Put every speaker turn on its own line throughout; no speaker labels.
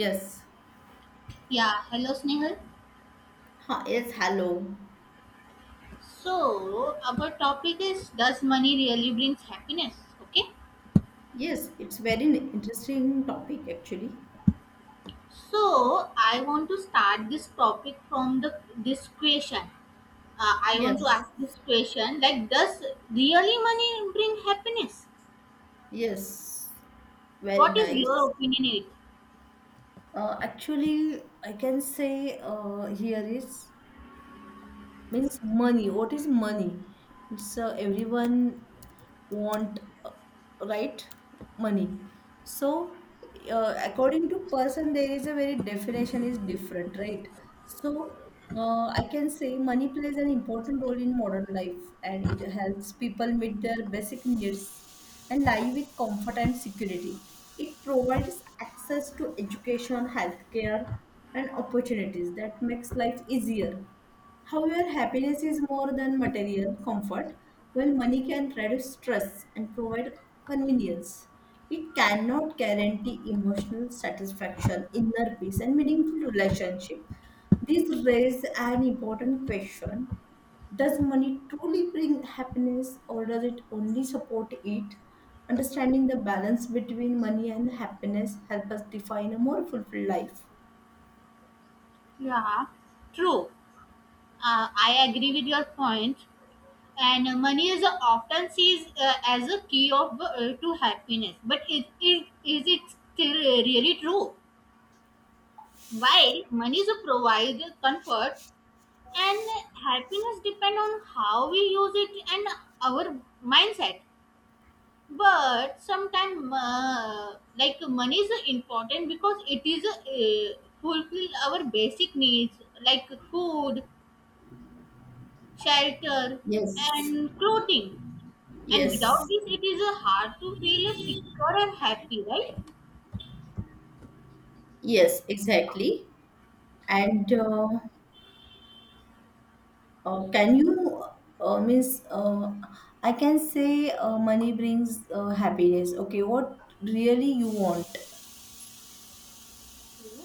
Yes.
Yeah, hello Snehal.
Yes, hello.
So, our topic is does money really brings happiness? Okay.
Yes, it's very interesting topic actually.
So, I want to start this topic from the this question. I want to
Yes.
ask this question like does really money bring happiness?
Yes. Very
What is
nice.
your opinion it?
Actually, I can say here is means money, what is money, so everyone want right money. So according to person there is a very definition is different, right? So I can say money plays an important role in modern life and it helps people meet their basic needs and live with comfort and security. It provides access to education, healthcare, and opportunities that makes life easier. However, happiness is more than material comfort. While money can reduce stress and provide convenience, it cannot guarantee emotional satisfaction, inner peace, and meaningful relationship. This raises an important question. Does money truly bring happiness or does it only support it? Understanding the balance between money and happiness help us define a more fulfilled life.
Yeah, true. I agree with your point. And money is often seen as a key of to happiness. But is it still really true? While money is a provide comfort and happiness depend on how we use it and our mindset. But sometimes, like money is important because it is fulfill our basic needs like food, shelter,
Yes,
and clothing. And without
yes,
this, it is hard to feel secure and happy, right?
yes, exactly. And can you, means, I can say money brings happiness. Okay, what really you want?
Okay.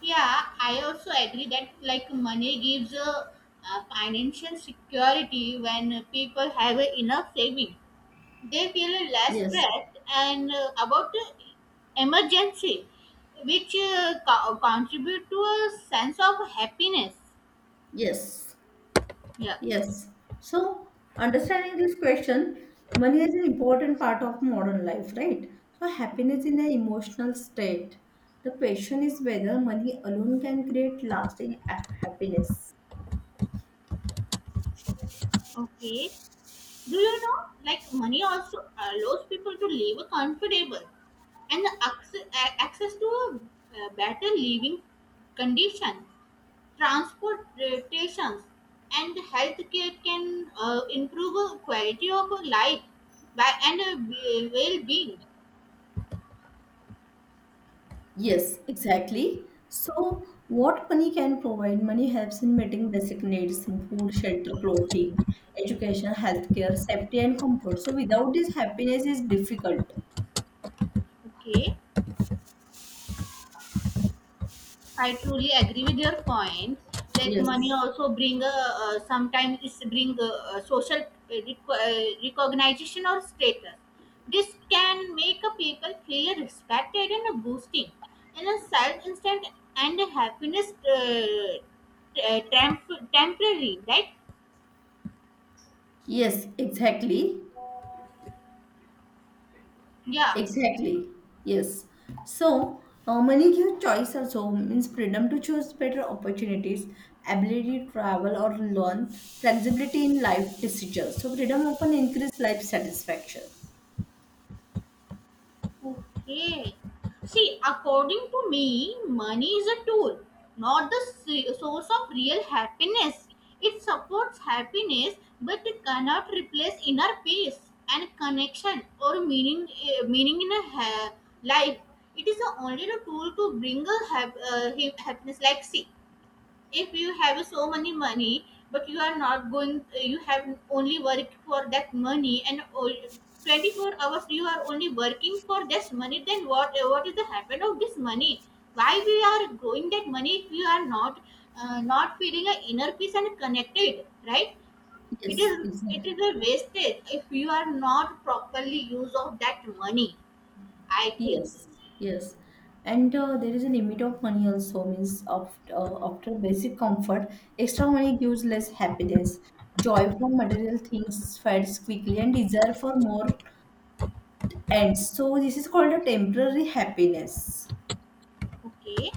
Yeah, I also agree that like money gives a, financial security when people have a enough saving. They feel less
Yes,
stressed and about the emergency, which contribute to a sense of happiness.
yes,
Yeah.
yes. So, understanding this question, money is an important part of modern life, right? So, happiness in an emotional state. The question is whether money alone can create lasting happiness.
Okay. Do you know like money also allows people to live comfortable and access to a better living conditions, transportations, and healthcare can improve quality of life by, and well-being.
Yes, exactly. So, what money can provide? Money helps in meeting basic needs, food, shelter, clothing, education, healthcare, safety, and comfort. So, without this, happiness is difficult.
Okay, I truly agree with your point. Like money
Yes,
also bring sometimes it's bring social recognition or status. This can make a people feel respected and boosting in a self instant and happiness, temporary, right?
yes, exactly,
Yeah.
exactly. Yes. So, money gives choice also means freedom to choose better opportunities, ability to travel or learn, flexibility in life decisions. So, freedom often increase life satisfaction.
Okay. See, according to me, money is a tool, not the source of real happiness. It supports happiness, but it cannot replace inner peace and connection or meaning. Meaning in a life, it is the only the tool to bring a happiness. Like see, if you have so many money but you are not going, you have only worked for that money and all, 24 hours you are only working for this money, then what is the happen of this money, why we are growing that money if you are not not feeling a inner peace and connected, right? It
Yes,
is, it
exactly.
is a wastage if you are not properly use of that money, I think.
Yes, yes. And there is a limit of money also, means after, after basic comfort, extra money gives less happiness. Joy from material things fades quickly, and desire for more ends. So, this is called a temporary happiness.
Okay,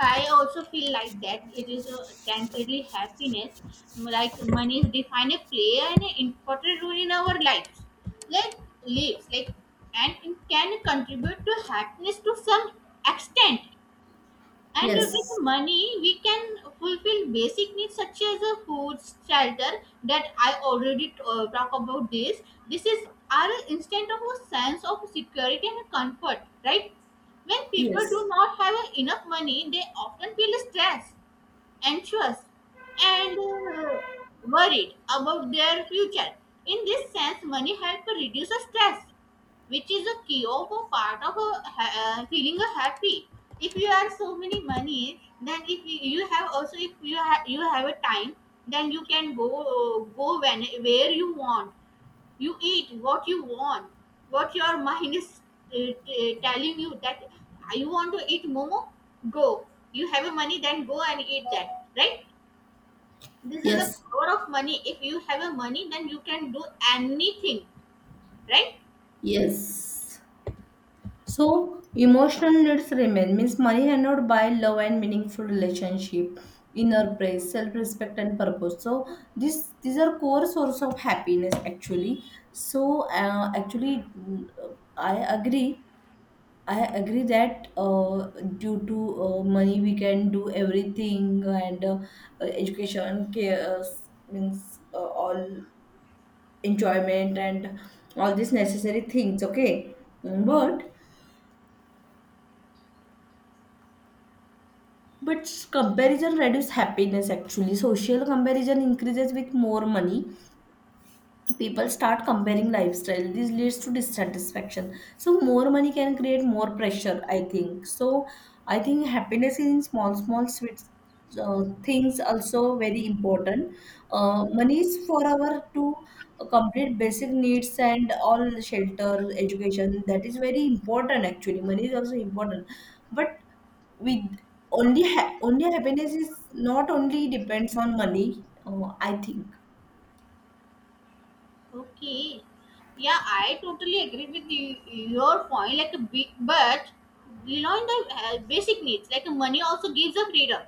I also feel like that it is a temporary happiness, like money is defined a play an important role in our lives, like like and it can contribute to happiness to some extent, and
Yes,
with money, we can fulfill basic needs such as a food, shelter. That I already talk about this. This is our instant of a sense of security and comfort, right? When people
yes,
do not have enough money, they often feel stress, anxious, and worried about their future. In this sense, money helps reduce stress, which is a key of a part of a, feeling a happy. If you have so many money, then if you have also if you have you have a time, then you can go when where you want, you eat what you want, what your mind is telling you that, "Ah, you want to eat momo, go, you have a money, then go and eat that," right? This is the
yes,
power of money. If you have a money, then you can do anything, right?
yes. So emotional needs remain, means money cannot buy love and meaningful relationship, inner praise, self-respect and purpose. So this these are core source of happiness actually. So actually, I agree. I agree that due to money we can do everything, and education care, means all enjoyment and all these necessary things. Okay,
Yeah.
but But comparison reduces happiness actually. Social comparison increases with more money, people start comparing lifestyle, this leads to dissatisfaction, so more money can create more pressure, I think. So I think happiness is in small small sweet things also, very important. Money is for our to complete basic needs and all, shelter, education, that is very important actually. Money is also important, but with only only happiness is not only depends on money, I think.
Okay, yeah, I totally agree with you, your point, like a big but, you know, in the basic needs, like money also gives a freedom.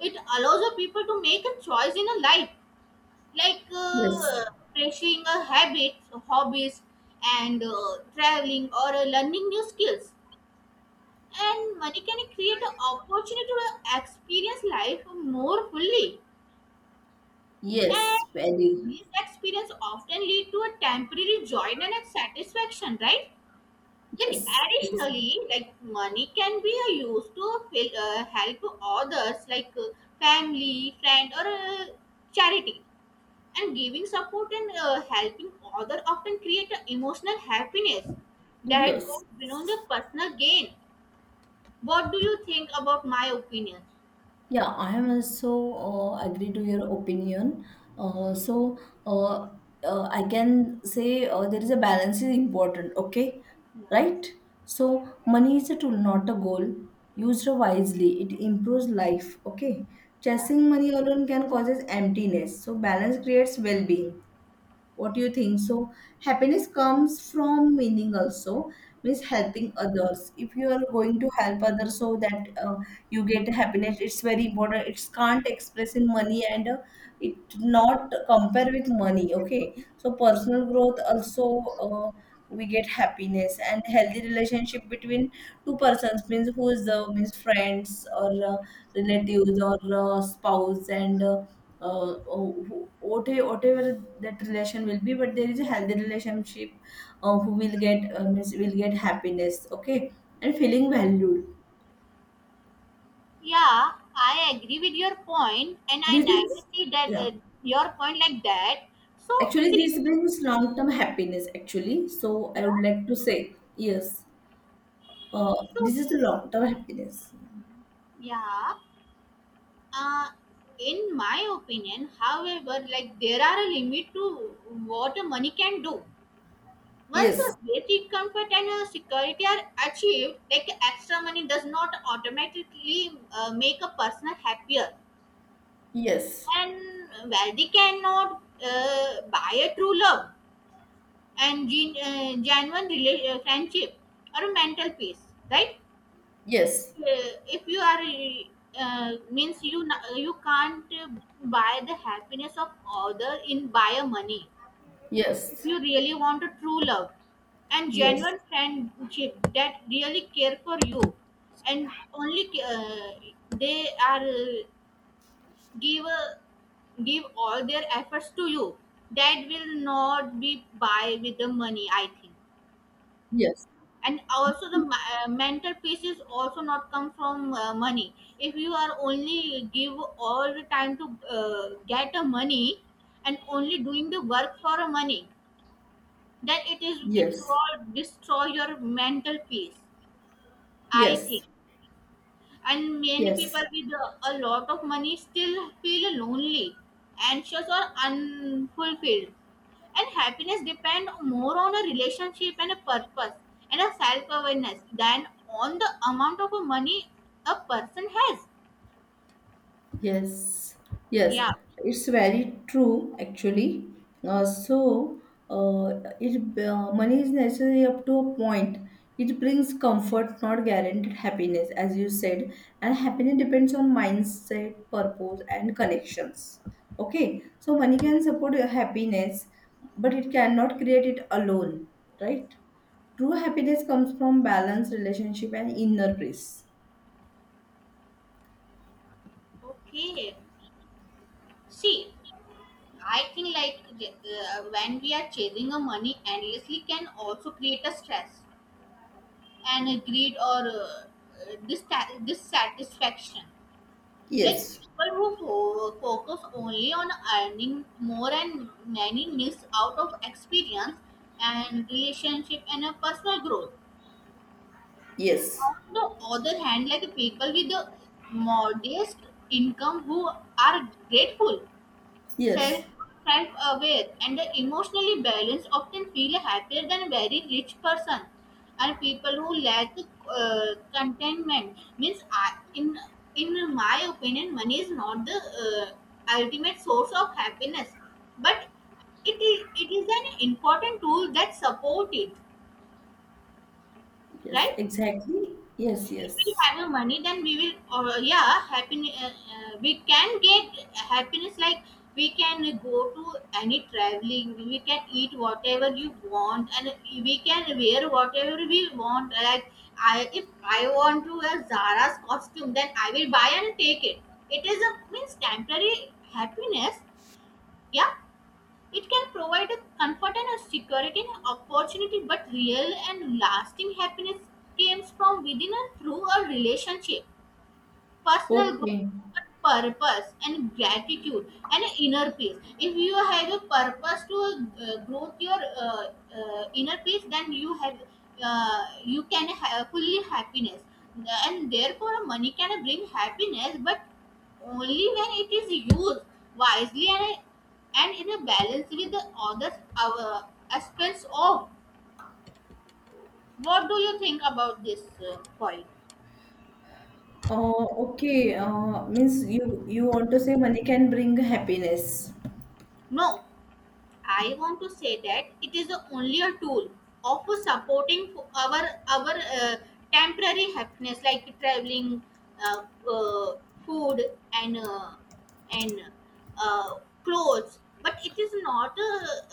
It allows the people to make a choice in a life, like
Yes.
pursuing a habit, hobbies, and traveling or learning new skills. And money can create an opportunity to experience life more fully.
Yes,
And
very.
these experience often lead to a temporary joy and a satisfaction, right? Like
Yes, it's,
additionally, like money can be used to fill, help others, like family, friend, or charity, and giving support and helping other often create an emotional happiness that
yes.
goes beyond the personal gain. What do you think about my opinion?
Yeah, I am also agree to your opinion. So uh, I can say there is a balance is important. Okay,
Yeah,
right? So money is a tool, not a goal. Used wisely, it improves life. Okay,
yeah,
chasing money alone can causes emptiness. So balance creates well-being. What do you think? So happiness comes from meaning also, means helping others. If you are going to help others, so that you get happiness, it's very important. It's can't express in money, and it not compare with money, okay? So personal growth also, uh, we get happiness, and healthy relationship between two persons, means who is the means friends or relatives or spouse and whatever that relation will be, but there is a healthy relationship, who will get means will get happiness, okay? And feeling valued,
yeah, I agree with your point, and I
this
never
is,
see that
yeah,
your point like that. So
actually
see.
this brings long term happiness actually. So I
Yeah.
would like to say, yes,
So.
this is the long term happiness.
Yeah. uh, in my opinion however, like there are a limit to what money can do. Once
Yes,
a basic comfort and a security are achieved, like extra money does not automatically make a person happier.
yes,
And wealthy cannot buy a true love and genuine friendship or mental peace, right?
yes,
If you are means you you can't buy the happiness of other in buy a money. If
yes,
you really want a true love and
yes,
genuine friendship that really care for you and only they are give uh, give all their efforts to you, that will not be buy with the money, I think.
yes,
And also the mental peace is also not come from money if you are only give all the time to get a money and only doing the work for a money, then it is it
yes,
will destroy your mental peace, I
yes,
think. And many people
yes.
with a lot of money still feel lonely, anxious, or unfulfilled, and happiness depend more on a relationship and a purpose and a self-awareness than on the amount of money a person has.
Yes, yes,
Yeah.
it's very true actually. So, it money is necessary up to a point. It brings comfort, not guaranteed happiness, as you said. And happiness depends on mindset, purpose, and connections. Okay, so money can support your happiness, but it cannot create it alone, right? True happiness comes from balanced relationship and inner peace.
Okay, see, I think like when we are chasing a money endlessly can also create a stress and greed or dissatisfaction. Like
Yes,
people who focus only on earning more and many miss out of experience and relationship and a personal growth.
yes,
On the other hand, like people with a modest income who are grateful,
yes.
self aware, and emotionally balanced often feel happier than very rich person and people who lack contentment. Means in my opinion money is not the ultimate source of happiness, but it is an important tool that support it,
Yes,
right?
exactly. Yes,
If we
yes.
have a money, then we will. Or yeah, happiness. We can get happiness like we can go to any traveling. We can eat whatever you want, and we can wear whatever we want. Like if I want to wear Zara's costume, then I will buy and take it. It is a means temporary happiness. Yeah, it can provide a comfort and a security and opportunity, but real and lasting happiness comes from within and through a relationship, personal growth,
Okay.
purpose and gratitude and inner peace. If you have a purpose to grow your inner peace, then you have you can have fully happiness, and therefore money can bring happiness, but only when it is used wisely and in a balance with the other aspects of. What do you think about this point?
Okay. Means you you want to say money can bring happiness.
No. I want to say that it is only a tool of supporting for our temporary happiness, like traveling, uh, uh, food, and uh, and uh, clothes. But it is not a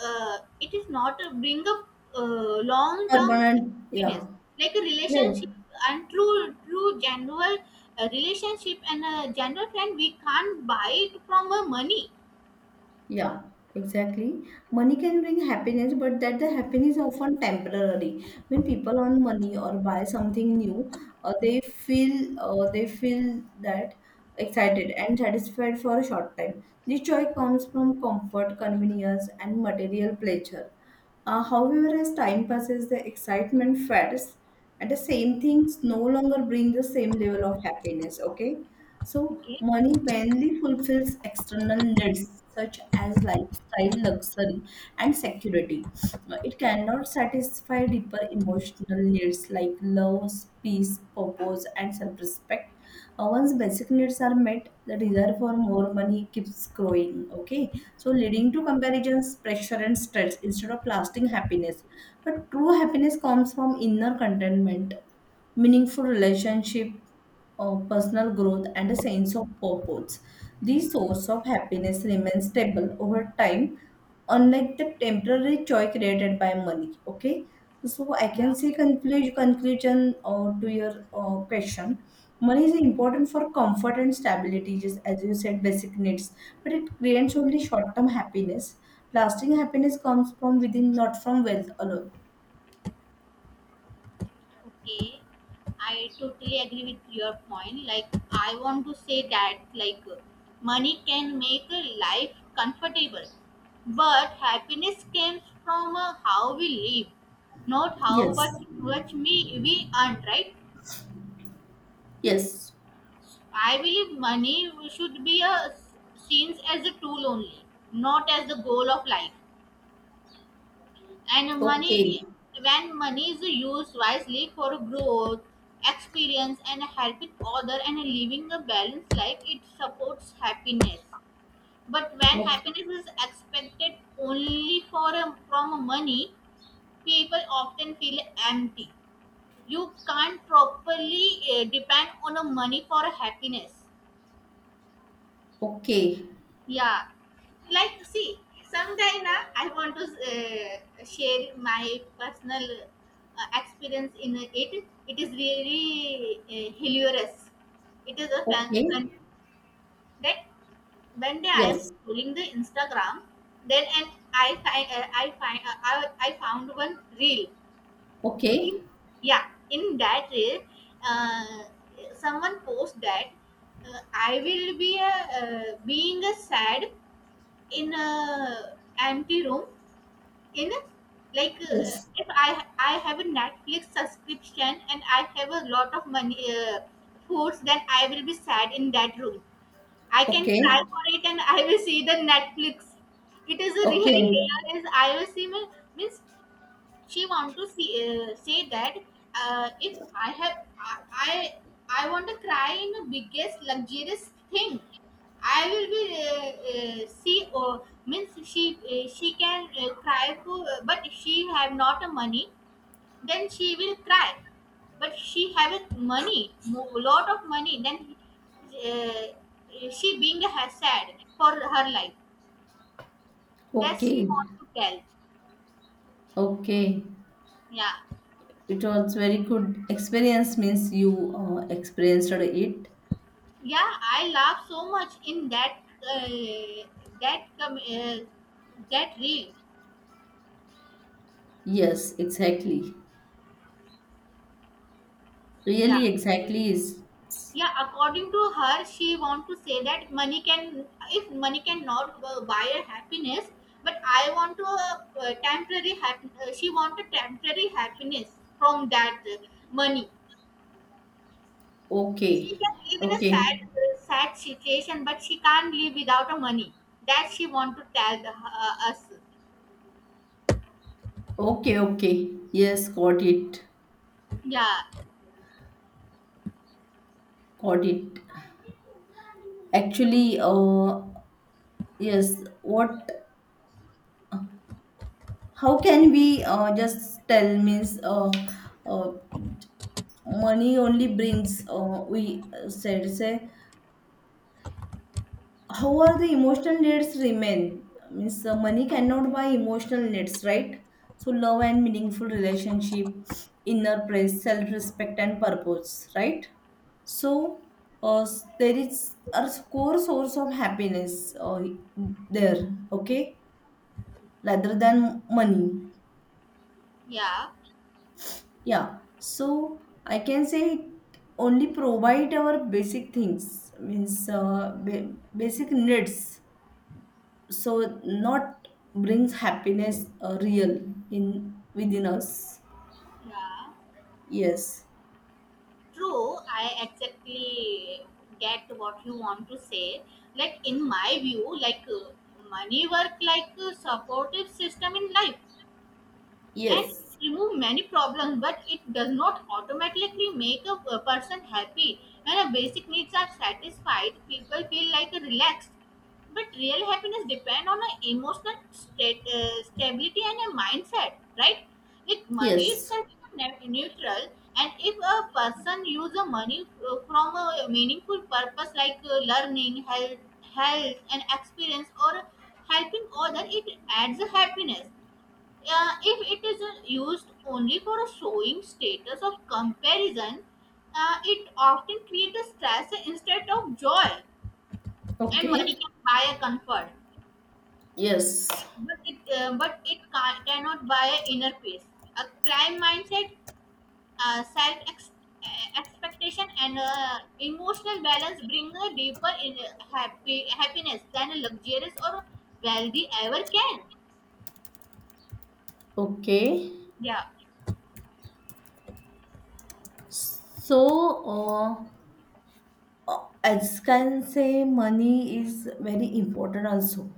it is not a bring up uh, long term
Permanent. Yeah.
happiness, like a
Yeah.
relationship and true general relationship and a general friend. We can't buy it from a money.
Yeah, exactly. Money can bring happiness, but that the happiness often temporary. When people earn money or buy something new, they feel that excited and satisfied for a short time. This joy comes from comfort, convenience, and material pleasure. However, as time passes, the excitement fades and the same things no longer bring the same level of happiness, okay? So
Okay.
money mainly fulfills external needs such as lifestyle, luxury, and security. It cannot satisfy deeper emotional needs like love, peace, purpose and self-respect. Once basic needs are met, the desire for more money keeps growing, okay? So, leading to comparisons, pressure, and stress instead of lasting happiness. But true happiness comes from inner contentment, meaningful relationship, or personal growth, and a sense of purpose. The source of happiness remains stable over time, unlike the temporary joy created by money. Okay, so I can
Yeah.
say conclusion to your question. Money is important for comfort and stability, just as you said, basic needs, but it creates only short term happiness. Lasting happiness comes from within, not from wealth alone.
Okay, I totally agree with your point. Like, I want to say that, like, money can make a life comfortable, but happiness comes from how we live, not how
Yes,
much we earn, right?
yes.
I believe money should be a, seen as a tool only, not as the goal of life. And money,
Okay.
when money is used wisely for growth, experience and helping other and living a balanced life, it supports happiness. But when
Okay.
happiness is expected only from money, people often feel empty. You can't properly depend on a money for happiness.
Okay.
Yeah, like see, sometime na I want to share my personal experience in it. It is really hilarious. It is a fun,
Okay.
fun that one day I am
Yes.
scrolling the Instagram, then and I found one reel. In,
Okay.
yeah, in that reel, uh, someone post that I will be a, being a sad in a empty room. In a, like
Yes.
if I have a Netflix subscription and I have a lot of money, foods, then I will be sad in that room. I can
Okay.
cry for it and I will see the Netflix. It is a really
Okay.
hilarious. I will see my, means she want to see, say that if I I want to cry in the biggest luxurious thing, I will be see, or means she can cry for, but she have not a money, then she will cry. But she have a money lot of money, then she being a sad for her life, that
Okay.
she want to tell.
Okay.
Yeah.
It was very good experience, means you experienced it.
Yeah, I laugh so much in that, uh, that that reel.
Yes, exactly.
Yeah.
Really exactly is.
Yeah, according to her, she want to say that money can, if money cannot buy a happiness, but I want to temporary she want a temporary happiness from that money. She
Okay.
can live in a sad
Okay.
sad situation, but she can't live without a money. That she want to tell the, us.
Okay, okay. Yes, got it.
Yeah.
Got it. Actually, yes, what, how can we just tell means uh, money only brings we said say, however the emotional needs remain, means money cannot buy emotional needs, right? So love and meaningful relationship, inner praise, self respect and purpose, right? So there is a core source of happiness there, okay, rather than money.
Yeah.
Yeah, so I can say it only provide our basic things, means basic needs. So not brings happiness, real in within us.
Yeah.
Yes,
True, I exactly get what you want to say. Like in my view, like money work like a supportive system in life and
yes,
remove many problems, but it does not automatically make a person happy. When a basic needs are satisfied, people feel like relaxed, but real happiness depend on an emotional state, stability and a mindset, right? Like money
yes.
itself is neutral, and if a person uses money from a meaningful purpose like learning, health and experience, or helping other, it adds a happiness. If it is used only for a showing status or comparison, it often creates stress instead of joy. And money
Okay.
can buy a comfort,
Yes.
but it, cannot buy inner peace. A crime mindset, self expectation, and emotional balance bring a deeper in happy happiness than a luxurious or wealthy ever can.
Okay.
Yeah.
So as can say, money is very important also,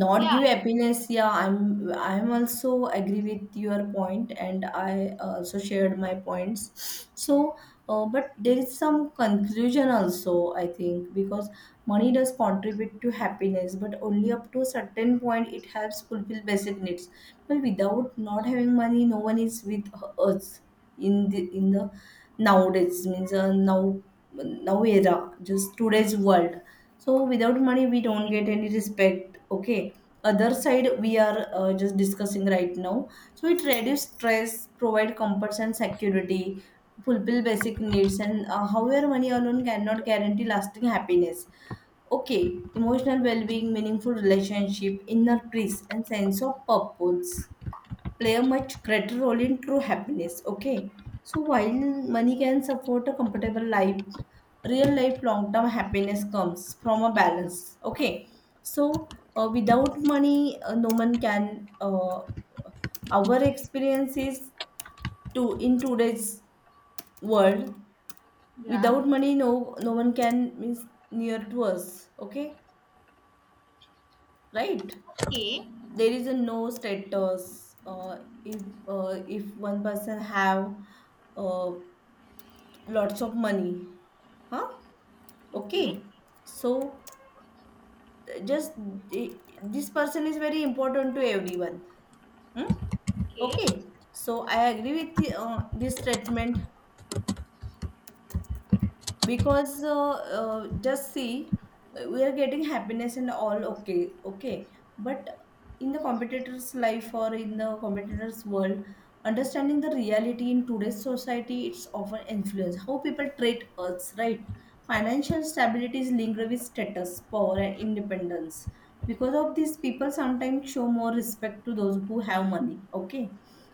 not
Yeah.
give happiness. Yeah, I'm also agree with your point and I also shared my points. So but there is some conclusion also I think, because money does contribute to happiness but only up to a certain point. It helps fulfill basic needs, but without not having money, no one is with us in the nowadays, means now era, just today's world. So without money, we don't
Okay.
get any respect. Okay. Other side, we are just discussing right now. So it reduce stress, provide comforts and security, fulfill basic needs, and however, money alone cannot guarantee lasting happiness. Okay, emotional well-being, meaningful relationship, inner peace, and sense of purpose play a much greater role in true happiness. Okay. So while money can support a comfortable life, real life long term happiness comes from a balance. Okay. So without money, no one can. Our experiences to in today's world,
Yeah.
without money, no one can means near to us. Okay, right?
Okay.
There is a no status. If if one person have uh, lots of money, huh,
Okay.
okay, so just this person is very important to everyone, hmm?
Okay.
Okay, so I agree with the, this statement, because just see, we are getting happiness and all, okay, okay. But in the competitor's life or in the competitor's world, understanding the reality in today's society, it's often influence how people treat us, right? Financial stability is linked with status, power and independence. Because of this, people sometimes show more respect to those who have money, okay?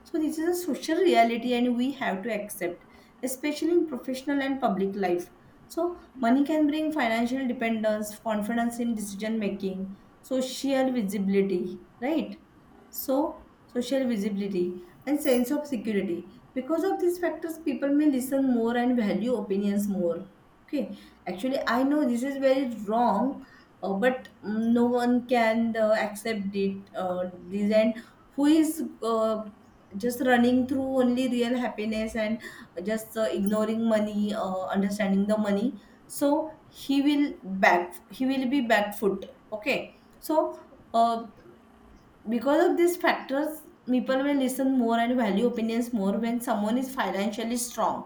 So this is a social reality and we have to accept, especially in professional and public life. So, money can bring financial dependence, confidence in decision making, social visibility, right? So, social visibility and sense of security. Because of these factors, people may listen more and value opinions more. Okay, actually, I know this is very wrong, but no one can accept it. This, and who is just running through only real happiness and just ignoring money, understanding the money, so he will back, he will be back foot, okay? So uh, because of these factors, people will listen more and value opinions more when someone is financially strong.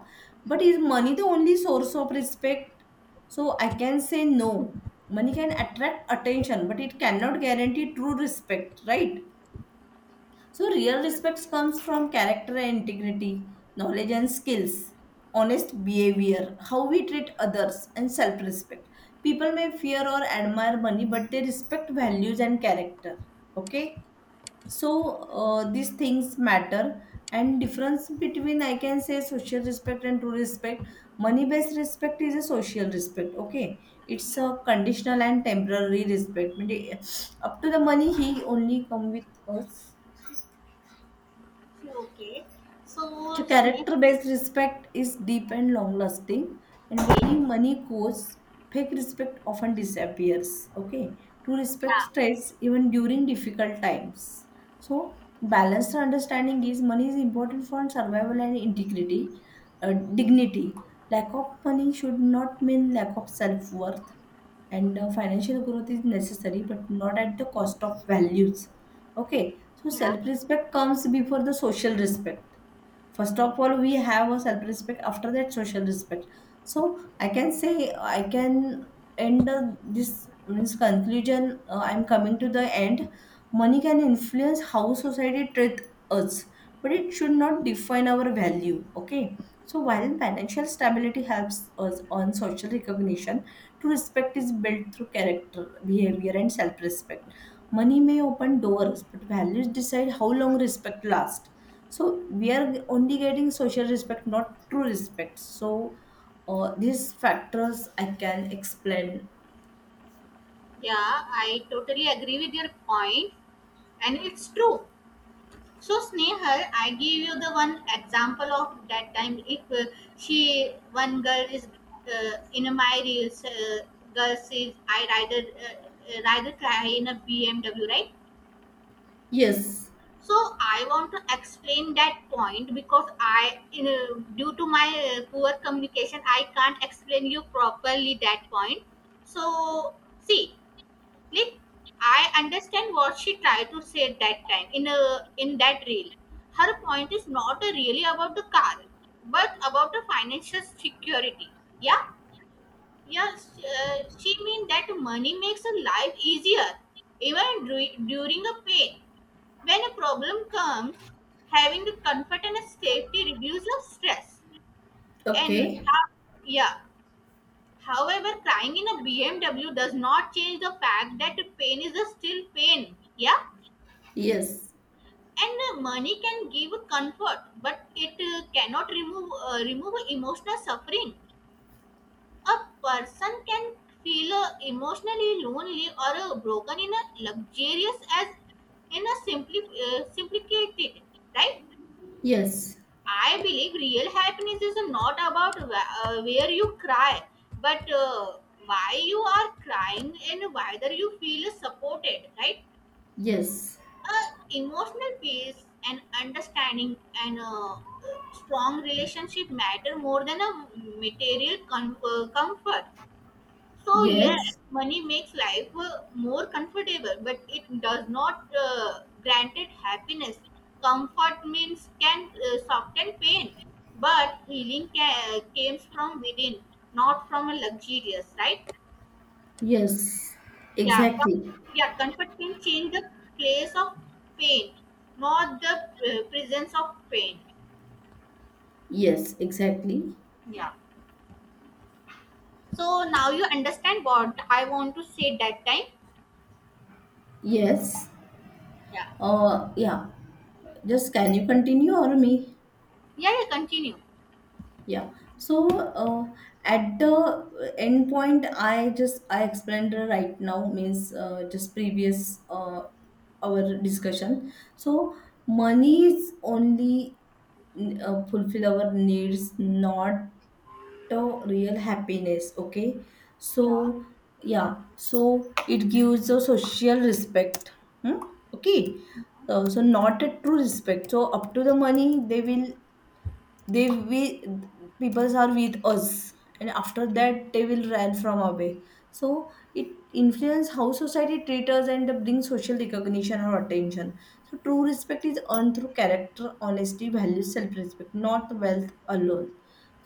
But is
Yeah.
money the only source of respect? So I can say no. Money can attract attention but it cannot guarantee true respect, right? So, real respect comes from character and integrity, knowledge and skills, honest behavior, how we treat others, and self respect. People may fear or admire money, but they respect values and character. Okay? So, these things matter. And difference between, I can say, social respect and true respect. Money based respect is a social respect. Okay, it's
Yeah.
a conditional and temporary respect. म्हणजे, up to the money, he only come with us.
So, okay.
So
So Snake.
character-based respect is deep and long-lasting, and
Okay.
money goes, fake respect often disappears. Okay, to respect
Yeah.
stress even during difficult times. So balanced understanding is money is important for survival and integrity, dignity. Lack of money should not mean lack of self-worth, and financial growth is necessary, but not at the cost of values. Okay, so
Yeah.
self-respect comes before the social respect. First of all we have a self respect, after that social respect. So I can say, I can end this, means conclusion, I'm coming to the end. Money can influence how society treat us but it should not define our value, okay? So while financial stability helps us on social recognition, true respect is built through character, behavior, and self respect. Money may open doors, but values decide how long respect lasts. So we are only getting social respect, not true respect. So these factors I can explain.
Yeah, I totally agree with your point, and it's true. So Snehal, I give you the one example of that time. If she one girl is in my reels, girl says I rather rather try in a BMW, right?
Yes.
So I want to explain that point because I, you know, due to my poor communication, I can't explain you properly that point. So see, like I understand what she tried to say at that time in that reel. Her point is not really about the car, but about the financial security. Yeah, yes, she, she mean that money makes a life easier, even during a pain. When a problem comes, having the comfort and a safety reduces stress. And
Okay.
yeah, however, crying in a BMW does not change the fact that pain is a still pain. Yeah,
Yes.
and money can give comfort, but it cannot remove emotional suffering. A person can feel emotionally lonely or broken in a luxurious as in a simply simplicated, right?
Yes.
I believe real happiness is not about where you cry, but why you are crying and whether you feel supported, right?
Yes.
Uh, emotional peace and understanding and strong relationship matter more than a material comfort. So yes,
Yes.
money makes life more comfortable, but it does not grant it happiness. Comfort means can soften pain, but healing comes from within, not from a luxurious, right?
Yes.
Yeah,
Exactly.
yeah. Comfort can change the place of pain, not the presence of pain.
Yes. Exactly.
Yeah. So now you understand what I want to say that time.
Yes.
Yeah.
Yeah, just can you continue or me?
Yeah, yeah, continue.
Yeah. So at the end point, I just I explained right now, means just previous our discussion. So money is only fulfill our needs, not the real happiness. Okay.
Yeah.
So yeah. So it gives a social respect. Hmm? Okay. So not a true respect. So up to the money, they will, they we people are with us, and after that they will run from away. So it influence how society treats us and bring social recognition or attention. So true respect is earned through character, honesty, values, self-respect, not wealth alone.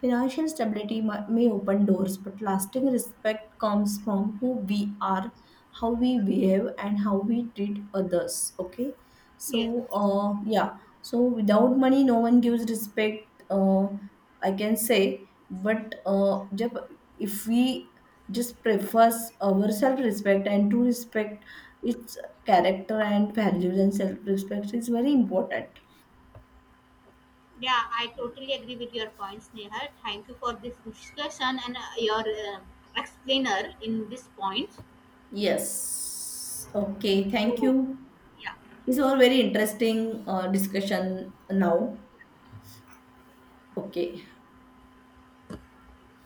Financial stability may open doors, but lasting respect comes from who we are, how we behave and how we treat others, okay?
Yes.
So yeah, so without money, no one gives respect. I can say, but jab, if we just prefers our self-respect and to respect its character and values and self-respect is very important.
Yeah, I totally agree with your points, Neha. Thank you for this discussion and your uh, explainer in this point.
Yes. Okay. Thank
So,
you.
yeah.
This was a very interesting discussion now. Okay.